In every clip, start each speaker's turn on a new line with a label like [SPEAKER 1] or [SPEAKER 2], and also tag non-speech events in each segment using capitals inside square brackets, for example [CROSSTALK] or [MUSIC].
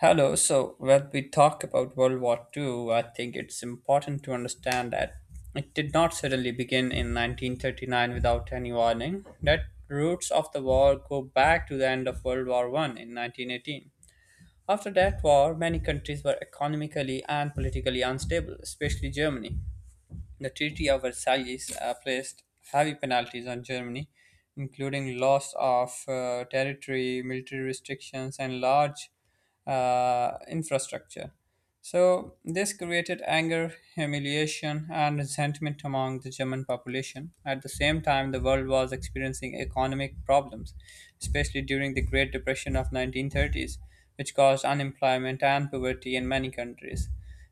[SPEAKER 1] Hello. So when we talk about World War Two, I think it's important to understand that it did not suddenly begin in 1939 without any warning. That roots of the war go back to the end of World War One in 1918. After that war, many countries were economically and politically unstable, especially Germany. The Treaty of Versailles placed heavy penalties on Germany, including loss of territory, military restrictions, and large infrastructure. So, this created anger, humiliation, and resentment among the German population. At the same time, the world was experiencing economic problems, especially during the Great Depression of 1930s, which caused unemployment and poverty in many countries.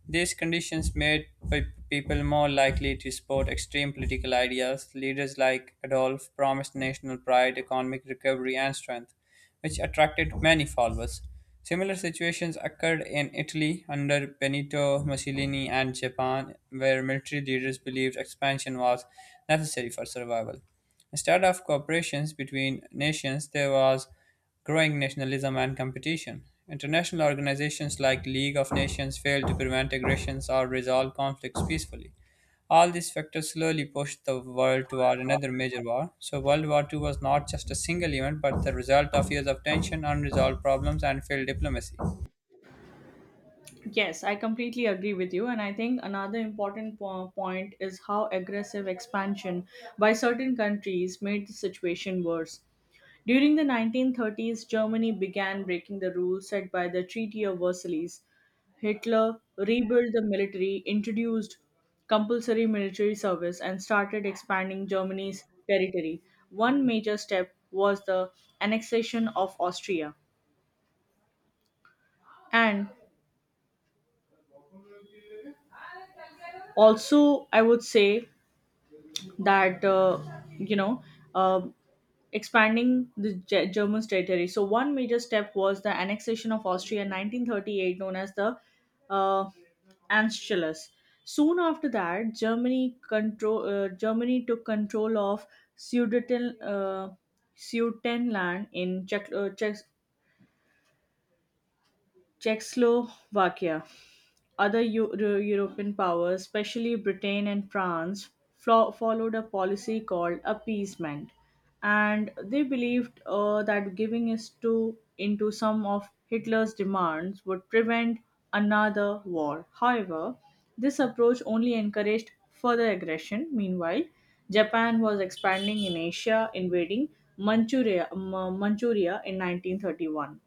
[SPEAKER 1] These conditions made people more likely to support extreme political ideas. Leaders like Adolf promised national pride, economic recovery, and strength which attracted many followers. Similar situations occurred in Italy under Benito Mussolini and Japan, where military leaders believed expansion was necessary for survival. Instead of cooperations between nations, there was growing nationalism and competition. International organizations like League of Nations failed to prevent aggressions or resolve conflicts peacefully. All these factors slowly pushed the world toward another major war. So, World War II was not just a single event but the result of years of tension, unresolved problems, and failed diplomacy.
[SPEAKER 2] Yes, I completely agree with you. And I think another important point is how aggressive expansion by certain countries made the situation worse. During the 1930s, Germany began breaking the rules set by the Treaty of Versailles. Hitler rebuilt the military, introduced compulsory military service, and started expanding Germany's territory. One major step was the annexation of Austria. And also, I would say, that you know uh, expanding the German's territory. So one major step was the annexation of Austria in 1938, known as the uh, Anschluss. Soon after that, Germany took control of Sudeten uh, Sudetenland in Czechoslovakia. Other European powers, especially Britain and France, followed a policy called appeasement, and they believed that giving is to into some of Hitler's demands would prevent another war. However, this approach only encouraged further aggression. Meanwhile, Japan was expanding in Asia, invading Manchuria in 1931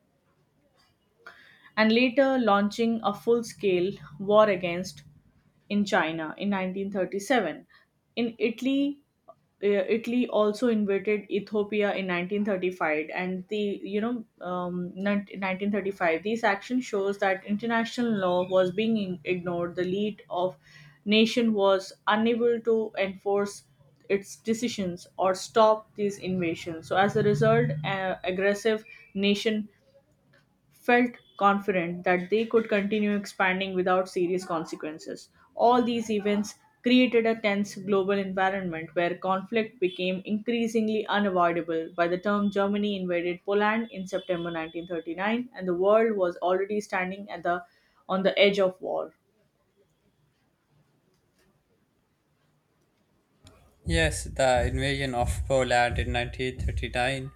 [SPEAKER 2] and later launching a full scale war against in China in 1937. In Italy, uh, Italy also invaded Ethiopia in 1935, and the 1935. These action shows that international law was being ignored. The lead of nation was unable to enforce its decisions or stop these invasions. So as a result, aggressive nation felt confident that they could continue expanding without serious consequences. All these events created a tense global environment where conflict became increasingly unavoidable. By the time Germany invaded Poland in September 1939, and the world was already standing at the on the edge of war.
[SPEAKER 1] Yes, the invasion of Poland in 1939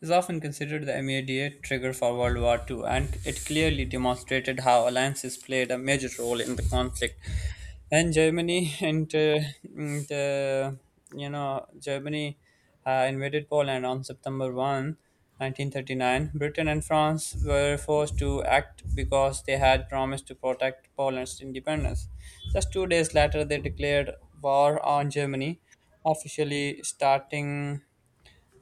[SPEAKER 1] is often considered the immediate trigger for World War II, and it clearly demonstrated how alliances played a major role in the conflict. And Germany [LAUGHS] and, you know Germany invaded Poland on September 1, 1939. Britain and France were forced to act because they had promised to protect Poland's independence. Just 2 days later, they declared war on Germany, officially starting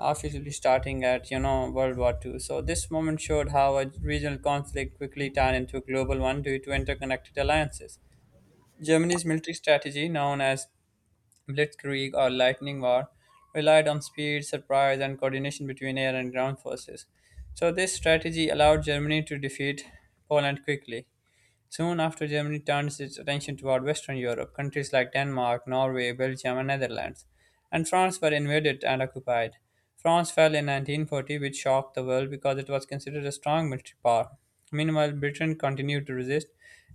[SPEAKER 1] officially starting at you know World War Two. So this moment showed how a regional conflict quickly turned into a global one due to interconnected alliances. Germany's military strategy, known as Blitzkrieg or Lightning War, relied on speed, surprise, and coordination between air and ground forces. So, this strategy allowed Germany to defeat Poland quickly. Soon after, Germany turns its attention toward Western Europe. Countries like Denmark, Norway, Belgium, and Netherlands, and France were invaded and occupied. France fell in 1940, which shocked the world because it was considered a strong military power. Meanwhile, Britain continued to resist,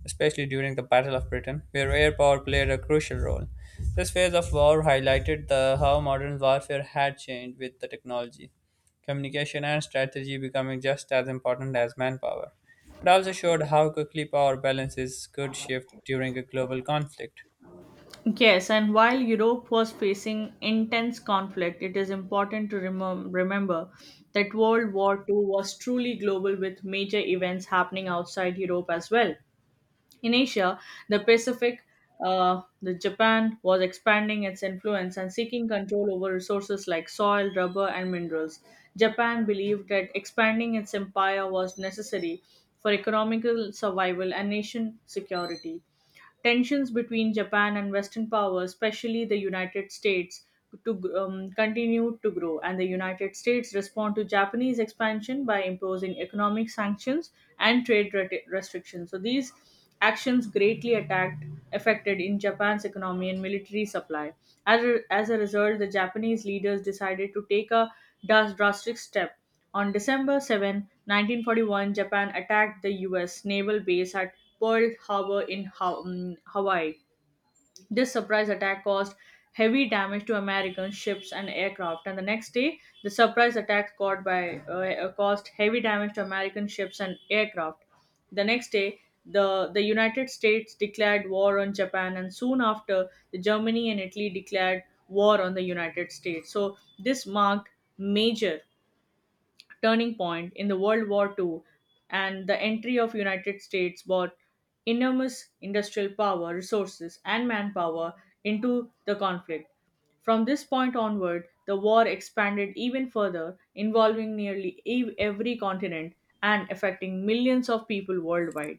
[SPEAKER 1] especially during the Battle of Britain, where air power played a crucial role. This phase of war highlighted how modern warfare had changed with the technology, communication, and strategy becoming just as important as manpower. It also showed how quickly power balances could shift during a global conflict.
[SPEAKER 2] Yes, and while Europe was facing intense conflict, it is important to remember that World War II was truly global with major events happening outside Europe as well. In Asia, the Pacific, the Japan was expanding its influence and seeking control over resources like soil, rubber, and minerals. Japan believed that expanding its empire was necessary for economical survival and nation security. Tensions between Japan and Western powers, especially the United States, to continue to grow, and the United States respond to Japanese expansion by imposing economic sanctions and trade restrictions. So these actions greatly attacked affected in Japan's economy and military supply. As a result, the Japanese leaders decided to take a drastic step on December 7, 1941. Japan attacked the U.S. naval base at Pearl Harbor in Hawaii. This surprise attack caused heavy damage to American ships and aircraft, and the next day, the surprise attack caused heavy damage to American ships and aircraft. The next day, the United States declared war on Japan, and soon after, the Germany and Italy declared war on the United States. So this marked major turning point in the World War II, and the entry of United States brought enormous industrial power, resources and manpower into the conflict. From this point onward, the war expanded even further, involving nearly every continent and affecting millions of people worldwide.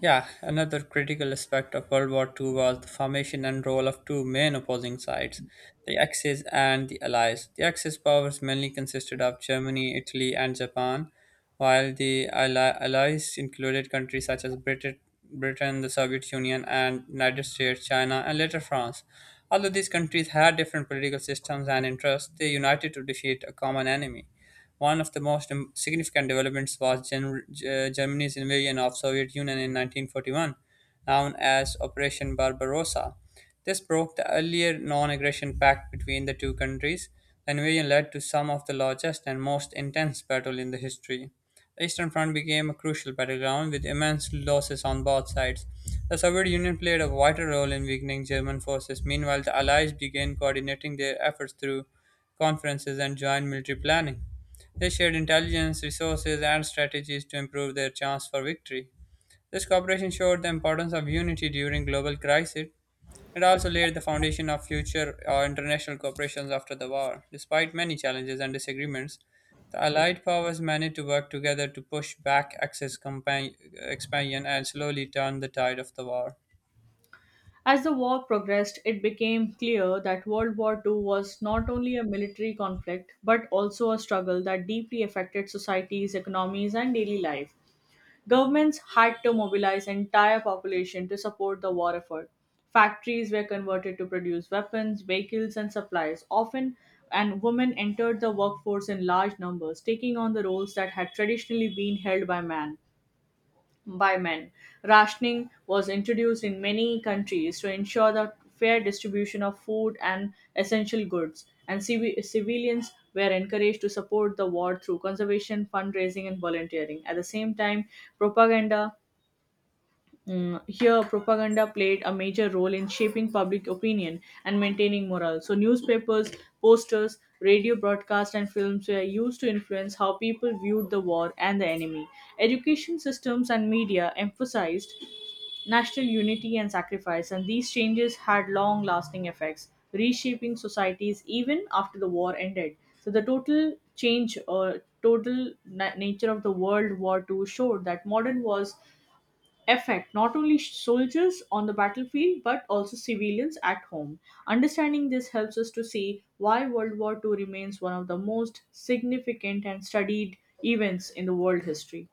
[SPEAKER 1] Yeah, another critical aspect of World War II was the formation and role of two main opposing sides, the Axis and the Allies. The Axis powers mainly consisted of Germany, Italy, and Japan, while the Allies included countries such as Britain, the Soviet Union, and United States, China, and later France. Although these countries had different political systems and interests, they united to defeat a common enemy. One of the most significant developments was Germany's invasion of Soviet Union in 1941, known as Operation Barbarossa. This broke the earlier non-aggression pact between the two countries. The invasion led to some of the largest and most intense battle in the history. The Eastern Front became a crucial battleground with immense losses on both sides. The Soviet Union played a vital role in weakening German forces. Meanwhile, the Allies began coordinating their efforts through conferences and joint military planning. They shared intelligence, resources, and strategies to improve their chance for victory. This cooperation showed the importance of unity during global crises. It also laid the foundation of future international cooperations after the war. Despite many challenges and disagreements, the Allied powers managed to work together to push back Axis expansion and slowly turn the tide of the war.
[SPEAKER 2] As the war progressed, it became clear that World War II was not only a military conflict but also a struggle that deeply affected societies, economies, and daily life. Governments had to mobilize entire population to support the war effort. Factories were converted to produce weapons, vehicles, and supplies. Often, and women entered the workforce in large numbers, taking on the roles that had traditionally been held by men. Rationing was introduced in many countries to ensure the fair distribution of food and essential goods, and civilians were encouraged to support the war through conservation, fundraising, and volunteering. At the same time, propaganda propaganda played a major role in shaping public opinion and maintaining morale. So, newspapers, posters, radio broadcasts, and films were used to influence how people viewed the war and the enemy. Education systems and media emphasized national unity and sacrifice, and these changes had long lasting effects, reshaping societies even after the war ended. So, the total change or total nature of the World War II showed that modern wars affect not only soldiers on the battlefield but also civilians at home. Understanding this helps us to see why World War II remains one of the most significant and studied events in the world history.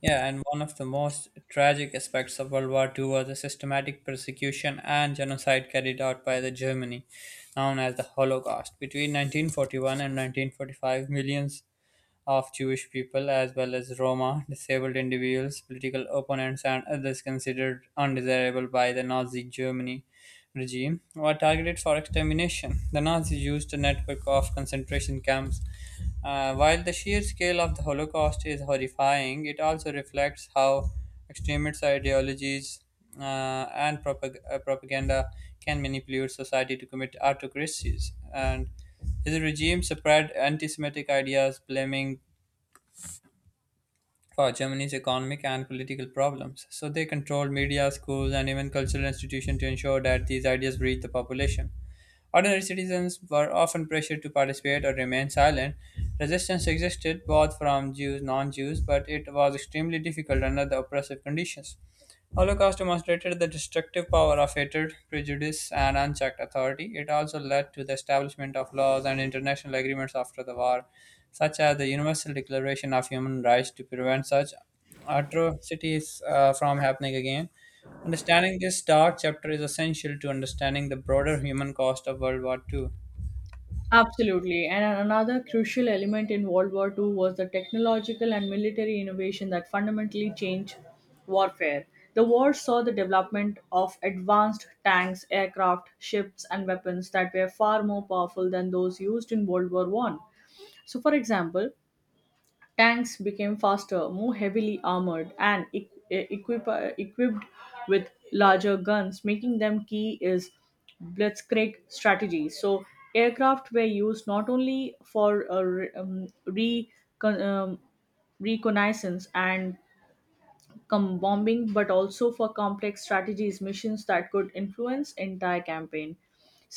[SPEAKER 1] Yeah, and one of the most tragic aspects of World War Two was the systematic persecution and genocide carried out by the Germany, known as the Holocaust. Between 1941 and 1945, millions of Jewish people, as well as Roma, disabled individuals, political opponents, and others considered undesirable by the Nazi Germany, regime were targeted for extermination. The Nazis used a network of concentration camps. While the sheer scale of the Holocaust is horrifying, it also reflects how extremist ideologies uh, and propaganda can manipulate society to commit autocracies. And his regime spread anti Semitic ideas, blaming for Germany's economic and political problems. So they controlled media, schools, and even cultural institutions to ensure that these ideas reached the population. Ordinary citizens were often pressured to participate or remain silent. Resistance existed both from Jews non Jews, but it was extremely difficult under the oppressive conditions. Holocaust demonstrated the destructive power of hatred, prejudice, and unchecked authority. It also led to the establishment of laws and international agreements after the war, such as the Universal Declaration of Human Rights to prevent such atrocities from happening again. Understanding this dark chapter is essential to understanding the broader human cost of World War Two.
[SPEAKER 2] Absolutely. And another crucial element in World War II was the technological and military innovation that fundamentally changed warfare. The war saw the development of advanced tanks, aircraft, ships, and weapons that were far more powerful than those used in World War One. So, for example, tanks became faster, more heavily armored, and equipped with larger guns, making them key is blitzkrieg strategy. So, aircraft were used not only for con- um, reconnaissance and bombing, but also for complex strategies missions that could influence entire campaign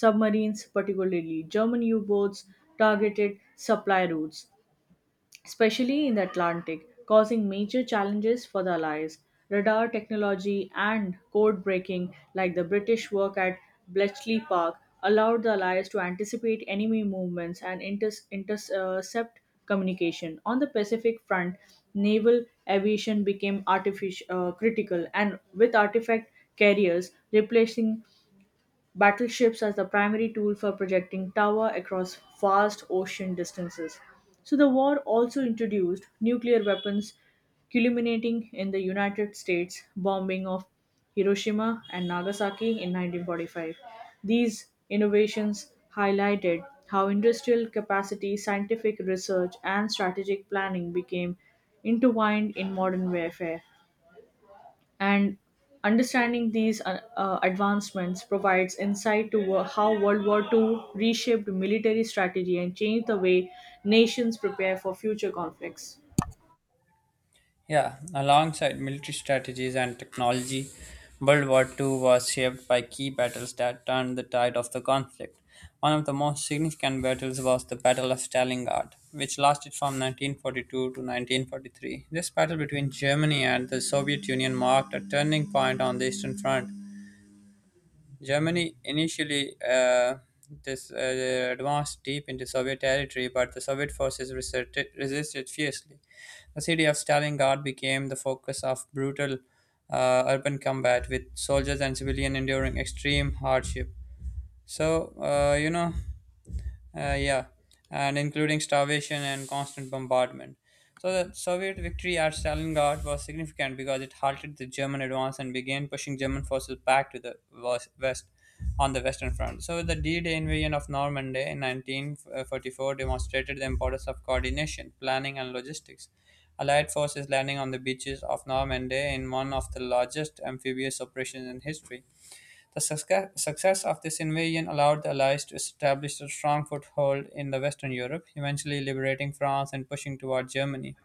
[SPEAKER 2] submarines, particularly German U-boats, targeted supply routes, especially in the Atlantic, causing major challenges for the Allies. Radar technology and code breaking, like the British work at Bletchley Park, allowed the Allies to anticipate enemy movements and intercept communication. On the Pacific front, naval aviation became artificial, critical, and with artifact carriers replacing battleships as the primary tool for projecting tower across vast ocean distances. So the war also introduced nuclear weapons, culminating in the United States bombing of Hiroshima and Nagasaki in 1945. These innovations highlighted how industrial capacity, scientific research, and strategic planning became intertwined in modern warfare, and understanding these advancements provides insight to how World War II reshaped military strategy and changed the way nations prepare for future conflicts.
[SPEAKER 1] Yeah, alongside military strategies and technology, World War II was shaped by key battles that turned the tide of the conflict. One of the most significant battles was the Battle of Stalingrad, which lasted from 1942 to 1943. This battle between Germany and the Soviet Union marked a turning point on the Eastern Front, Germany initially this advanced deep into Soviet territory, but the Soviet forces resisted, resisted fiercely. The city of Stalingrad became the focus of brutal urban combat, with soldiers and civilians enduring extreme hardship. So uh, you know. Uh, yeah, and including starvation and constant bombardment. So the Soviet victory at Stalingrad was significant because it halted the German advance and began pushing German forces back to the on the Western Front. So the D-Day invasion of Normandy in 1944 demonstrated the importance of coordination, planning, and logistics. Allied forces landing on the beaches of Normandy in one of the largest amphibious operations in history. The success of this invasion allowed the Allies to establish a strong foothold in the Western Europe, eventually liberating France and pushing toward Germany.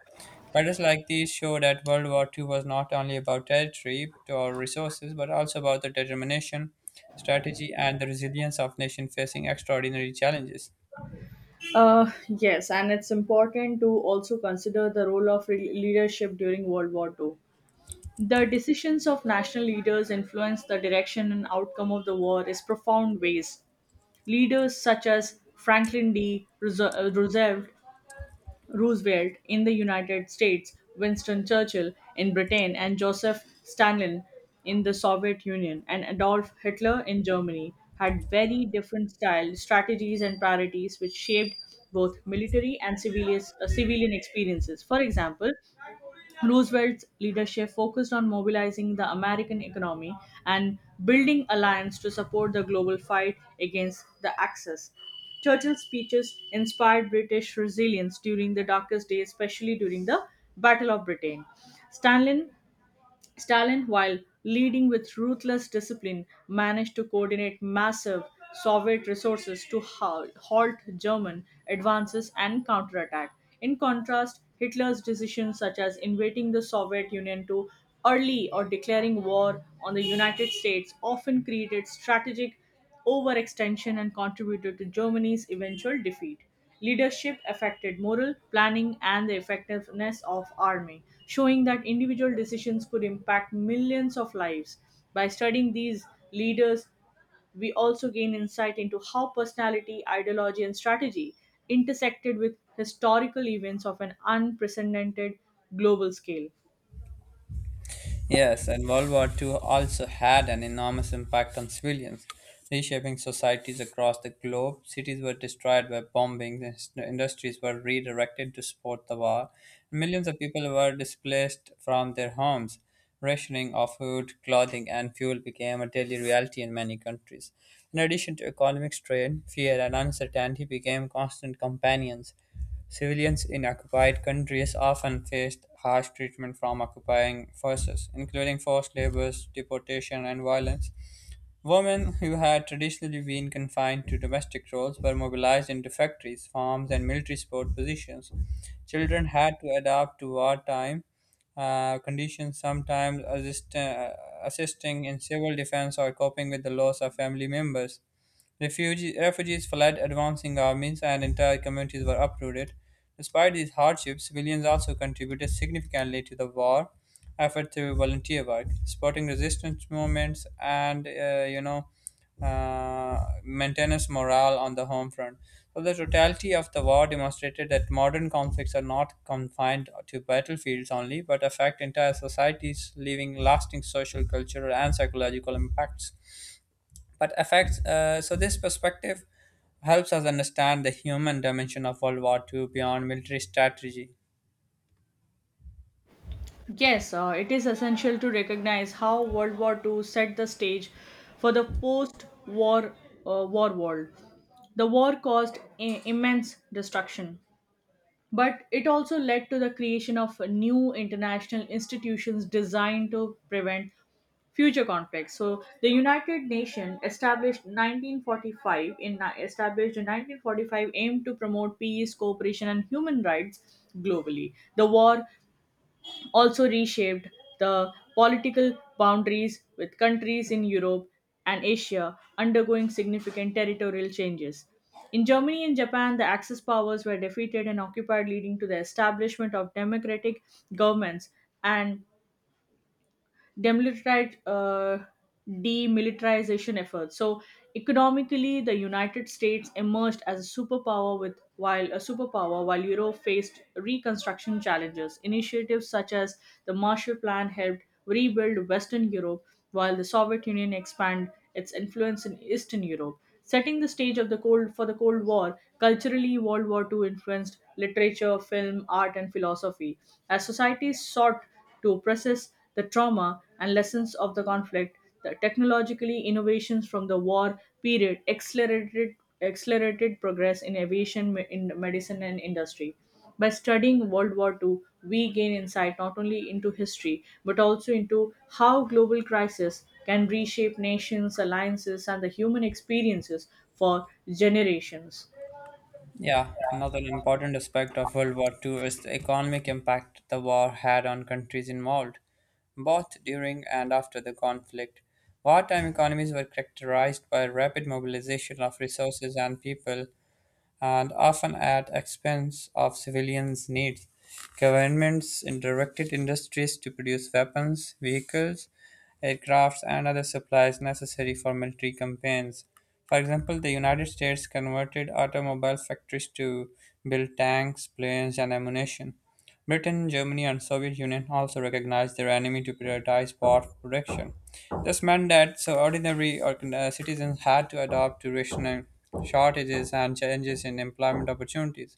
[SPEAKER 1] Battles like these show that World War II was not only about territory or resources, but also about the determination, strategy, and the resilience of nations facing extraordinary challenges.
[SPEAKER 2] Yes, and it's important to also consider the role of leadership during World War II. The decisions of national leaders influence the direction and outcome of the war in profound ways. Leaders such as Franklin D. uh, Roosevelt Roosevelt in the United States, Winston Churchill in Britain, and Joseph Stalin in the Soviet Union, and Adolf Hitler in Germany had very different styles, strategies, and priorities which shaped both military and civilian experiences. For example, Roosevelt's leadership focused on mobilizing the American economy and building alliances to support the global fight against the Axis. Churchill's speeches inspired British resilience during the darkest days, especially during the Battle of Britain. Stanley Stalin, while leading with ruthless discipline, managed to coordinate massive Soviet resources to halt German advances and counterattack. In contrast, Hitler's decisions, such as invading the Soviet Union too early or declaring war on the United States, often created strategic overextension and contributed to Germany's eventual defeat. Leadership affected moral planning and the effectiveness of army, showing that individual decisions could impact millions of lives. By studying these leaders, we also gain insight into how personality, ideology, and strategy intersected with historical events of an unprecedented global scale.
[SPEAKER 1] Yes, and World War II also had an enormous impact on civilians, reshaping societies across the globe. Cities were destroyed by bombing, industries were redirected to support the war, millions of people were displaced from their homes. Rationing of food, clothing, and fuel became a daily reality in many countries. In addition to economic strain, fear and uncertainty became constant companions. Civilians in occupied countries often faced harsh treatment from occupying forces, including forced labor, deportation, and violence. Women who had traditionally been confined to domestic roles were mobilized into factories, farms, and military support positions. Children had to adapt to wartime conditions, sometimes assisting in civil defense or coping with the loss of family members. Refugees fled advancing armies, and entire communities were uprooted. Despite these hardships, civilians also contributed significantly to the war effort through volunteer work, supporting resistance movements, and maintenance morale on the home front. So the totality of the war demonstrated that modern conflicts are not confined to battlefields only, but affect entire societies, leaving lasting social, cultural, and psychological impacts but affects. So this perspective helps us understand the human dimension of World War Two beyond military strategy.
[SPEAKER 2] Yes, it is essential to recognize how World War II set the stage for the post-war war world. The war caused immense destruction, but it also led to the creation of new international institutions designed to prevent future conflicts. So the United Nations established 1945 in established in 1945 aimed to promote peace, cooperation, and human rights globally. The war also reshaped the political boundaries with countries in Europe and Asia undergoing significant territorial changes. In Germany and Japan, the Axis powers were defeated and occupied, leading to the establishment of democratic governments and demilitarized demilitarization efforts. So economically, the United States emerged as a superpower with while a superpower while Europe faced reconstruction challenges. Initiatives such as the Marshall Plan helped rebuild Western Europe, while the Soviet Union expanded its influence in Eastern Europe. Setting the stage of the Cold War, culturally, World War II influenced literature, film, art, and philosophy. As societies sought to process the trauma and lessons of the conflict. The technologically innovations from the war period accelerated progress in aviation, in medicine, and industry. By studying World War II, we gain insight not only into history but also into how global crises can reshape nations, alliances, and the human experiences for generations.
[SPEAKER 1] Yeah, another important aspect of World War Two is the economic impact the war had on countries involved, both during and after the conflict. Wartime economies were characterized by rapid mobilization of resources and people, and often at expense of civilians' needs. Governments directed industries to produce weapons, vehicles, aircrafts, and other supplies necessary for military campaigns. For example, the United States converted automobile factories to build tanks, planes, and ammunition. Britain, Germany, and Soviet Union also recognized their enemy to prioritize war production. This meant that so ordinary citizens had to adapt to rationing shortages and changes in employment opportunities.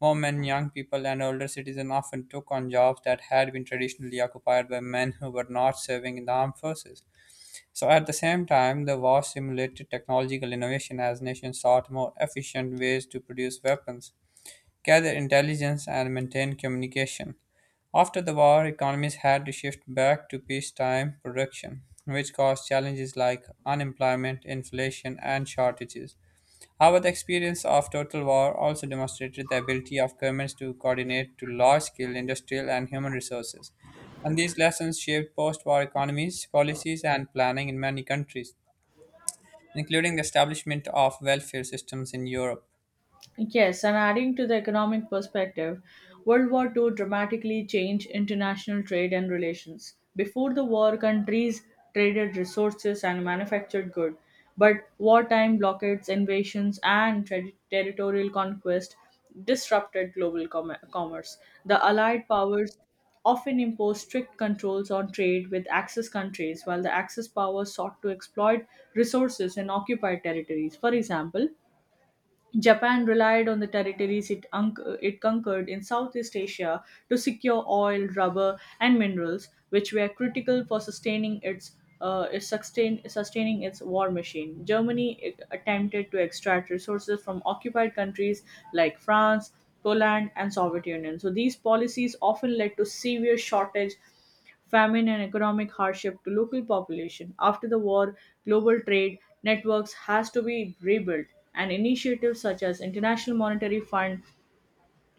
[SPEAKER 1] Women, young people, and older citizens often took on jobs that had been traditionally occupied by men who were not serving in the armed forces. So, at the same time, the war stimulated technological innovation as nations sought more efficient ways to produce weapons gather intelligence, and maintain communication. After the war, economies had to shift back to peacetime production, which caused challenges like unemployment, inflation, and shortages. However, the experience of total war also demonstrated the ability of governments to coordinate to large scale industrial and human resources. And these lessons shaped post war economies, policies, and planning in many countries, including the establishment of welfare systems in Europe.
[SPEAKER 2] Yes, and adding to the economic perspective, World War II dramatically changed international trade and relations. Before the war, countries traded resources and manufactured goods, but wartime blockades, invasions, and territorial conquest disrupted global commerce. The Allied powers often imposed strict controls on trade with Axis countries, while the Axis powers sought to exploit resources in occupied territories. For example, Japan relied on the territories it conquered in Southeast Asia to secure oil, rubber, and minerals, which were critical for sustaining sustaining its war machine. Germany it attempted to extract resources from occupied countries like France, Poland, and Soviet Union. So these policies often led to severe shortage famine, and economic hardship to local population. After the war, global trade networks has to be rebuilt, and initiatives such as International Monetary Fund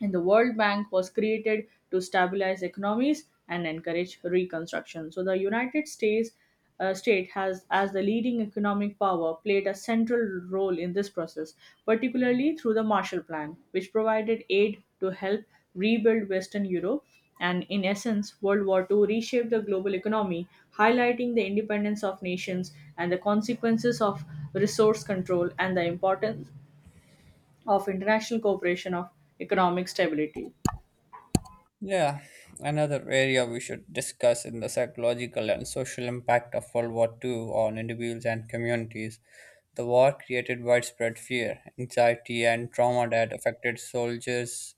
[SPEAKER 2] and the world bank was created to stabilize economies and encourage reconstruction so the united states state has as the leading economic power played a central role in this process particularly through the marshall plan which provided aid to help rebuild western europe and in essence world war ii reshaped the global economy highlighting the independence of nations and the consequences of resource control and the importance of international cooperation of economic stability
[SPEAKER 1] Yeah, another area we should discuss in the psychological and social impact of World War Two on individuals and communities. The war created widespread fear, anxiety, and trauma that affected soldiers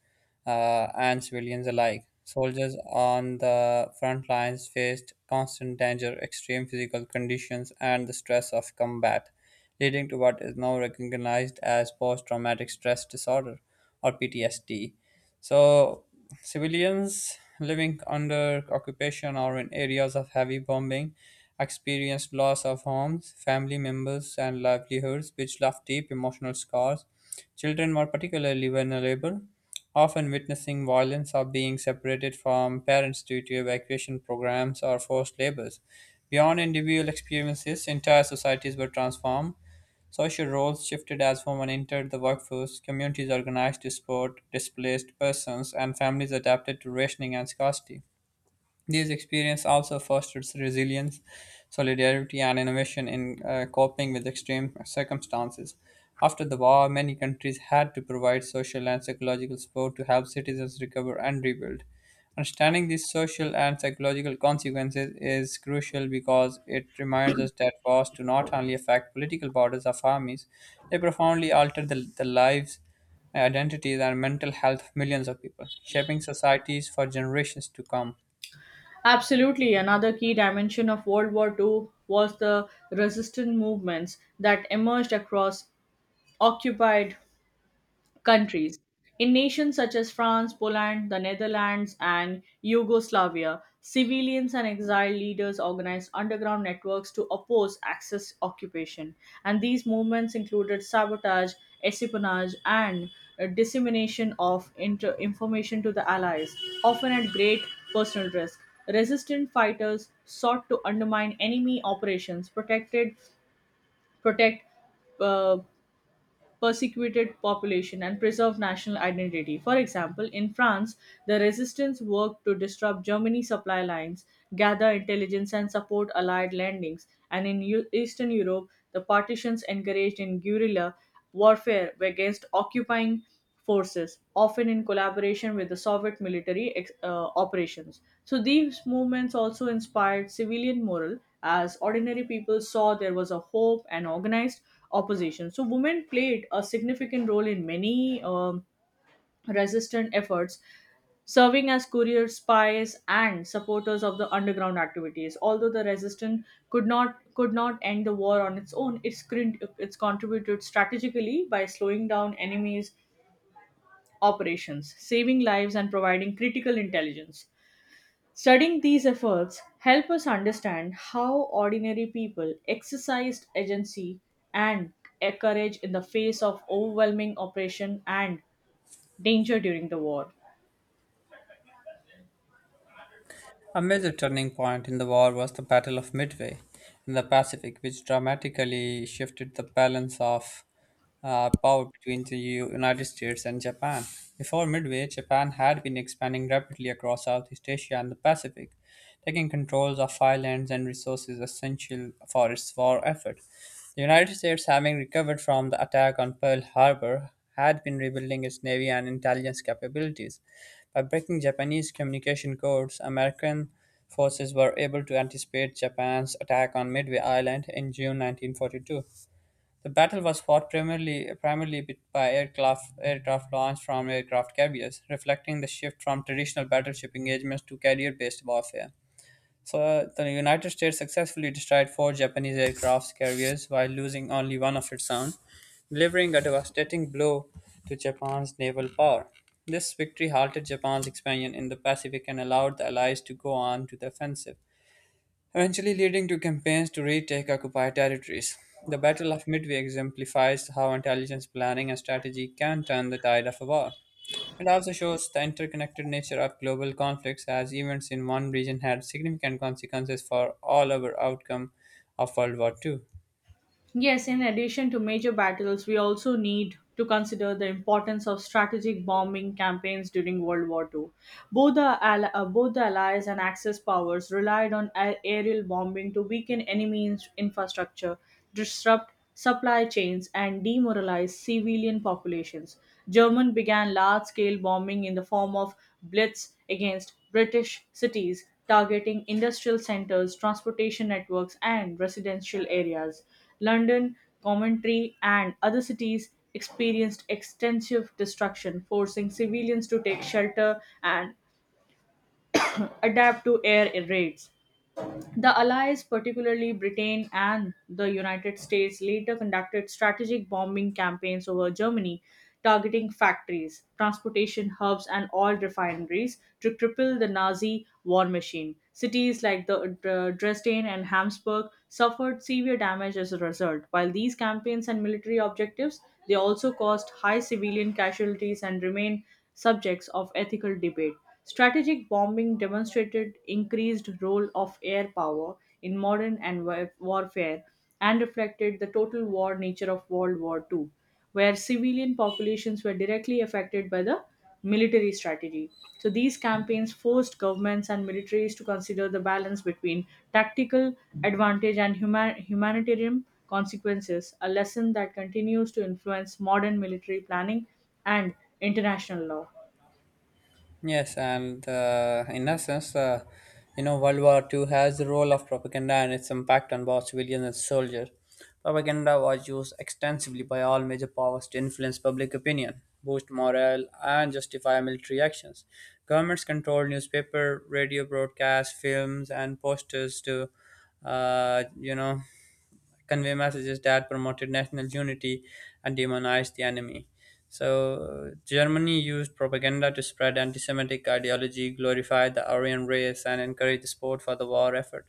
[SPEAKER 1] and civilians alike. Soldiers on the front lines faced constant danger, extreme physical conditions, and the stress of combat, leading to what is now recognized as post traumatic stress disorder or PTSD. So, civilians living under occupation or in areas of heavy bombing experienced loss of homes, family members, and livelihoods, which left deep emotional scars. Children were particularly vulnerable, often witnessing violence or being separated from parents due to evacuation programs or forced labors. Beyond individual experiences, entire societies were transformed. Social roles shifted as women entered the workforce, communities organized to support displaced persons, and families adapted to rationing and scarcity. These experiences also fosters resilience, solidarity, and innovation in coping with extreme circumstances. After the war, many countries had to provide social and psychological support to help citizens recover and rebuild. Understanding these social and psychological consequences is crucial because it reminds us that wars do not only affect political borders of armies, they profoundly alter the lives, identities, and mental health of millions of people, shaping societies for generations to come.
[SPEAKER 2] Absolutely, another key dimension of World War II was the resistance movements that emerged across occupied countries. In nations such as France, Poland, the Netherlands, and Yugoslavia, civilians and exile leaders organized underground networks to oppose Axis occupation. And these movements included sabotage, espionage, and dissemination of information to the Allies, often at great personal risk. Resistant fighters sought to undermine enemy operations, protect uh, persecuted population and preserve national identity. For example, in France, the resistance worked to disrupt Germany's supply lines, gather intelligence, and support Allied landings. And in Eastern Europe, the Partisans engaged in guerrilla warfare against occupying forces, often in collaboration with the Soviet military operations. So these movements also inspired civilian morale as ordinary people saw there was a hope and organized opposition. So women played a significant role in many resistant efforts serving as couriers, spies, and supporters of the underground activities. Although the resistance could not end the war on its own, it's contributed strategically by slowing down enemies operations, saving lives, and providing critical intelligence. Studying these efforts help us understand how ordinary people exercised agency and courage in the face of overwhelming oppression and danger during the war.
[SPEAKER 1] A major turning point in the war was the Battle of Midway in the Pacific, which dramatically shifted the balance of power between the United States and Japan. Before Midway, Japan had been expanding rapidly across Southeast Asia and the Pacific, taking control of islands and resources essential for its war effort. The United States, having recovered from the attack on Pearl Harbor, had been rebuilding its navy and intelligence capabilities. By breaking Japanese communication codes, American forces were able to anticipate Japan's attack on Midway Island in June 1942. The battle was fought primarily by aircraft launched from aircraft carriers, reflecting the shift from traditional battleship engagements to carrier based warfare. So the United States successfully destroyed four Japanese aircraft carriers while losing only one of its own, delivering a devastating blow to Japan's naval power. This victory halted Japan's expansion in the Pacific and allowed the Allies to go on to the offensive, eventually leading to campaigns to retake occupied territories. The Battle of Midway exemplifies how intelligence planning and strategy can turn the tide of a war and also shows the interconnected nature of global conflicts as events in one region had significant consequences for all our outcome of World War Two.
[SPEAKER 2] Yes, in addition to major battles, we also need to consider the importance of strategic bombing campaigns during World War Two. Both the Allies and Axis powers relied on aerial bombing to weaken enemy infrastructure, disrupt supply chains, and demoralized civilian populations. German began large-scale bombing in the form of blitz against British cities, targeting industrial centers, transportation networks, and residential areas. London, Coventry, and other cities experienced extensive destruction, forcing civilians to take shelter and adapt to air raids. The Allies, particularly Britain and the United States, later conducted strategic bombing campaigns over Germany, targeting factories, transportation hubs, and oil refineries to cripple the Nazi war machine. Cities like the Dresden and Hamburg suffered severe damage as a result. While these campaigns and military objectives, they also caused high civilian casualties and remain subjects of ethical debate. Strategic bombing demonstrated increased role of air power in modern and warfare and reflected the total war nature of World War II, where civilian populations were directly affected by the military strategy. So these campaigns forced governments and militaries to consider the balance between tactical advantage and humanitarian consequences, a lesson that continues to influence modern military planning and international law.
[SPEAKER 1] Yes, and in essence, you know, World War Two has the role of propaganda and its impact on both civilians and soldiers. Propaganda was used extensively by all major powers to influence public opinion, boost morale, and justify military actions. Governments controlled newspaper, radio broadcasts, films, and posters to, uh, you know, convey messages that promoted national unity and demonized the enemy. So, Germany used propaganda to spread anti Semitic ideology, glorify the Aryan race, and encourage support for the war effort.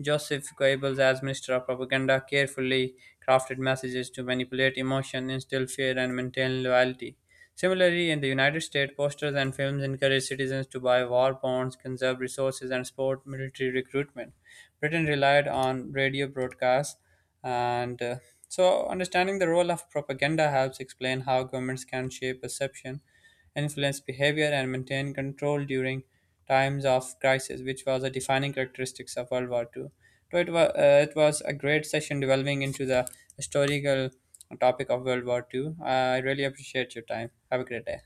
[SPEAKER 1] Joseph Goebbels, as Minister of Propaganda, carefully crafted messages to manipulate emotion, instill fear, and maintain loyalty. Similarly, in the United States, posters and films encourage citizens to buy war bonds, conserve resources, and support military recruitment. Britain relied on radio broadcasts, and so understanding the role of propaganda helps explain how governments can shape perception, influence behavior, and maintain control during times of crisis, which was a defining characteristics of World War Two. So it was a great session delving into the historical topic of World War Two. I really appreciate your time. Have a great day.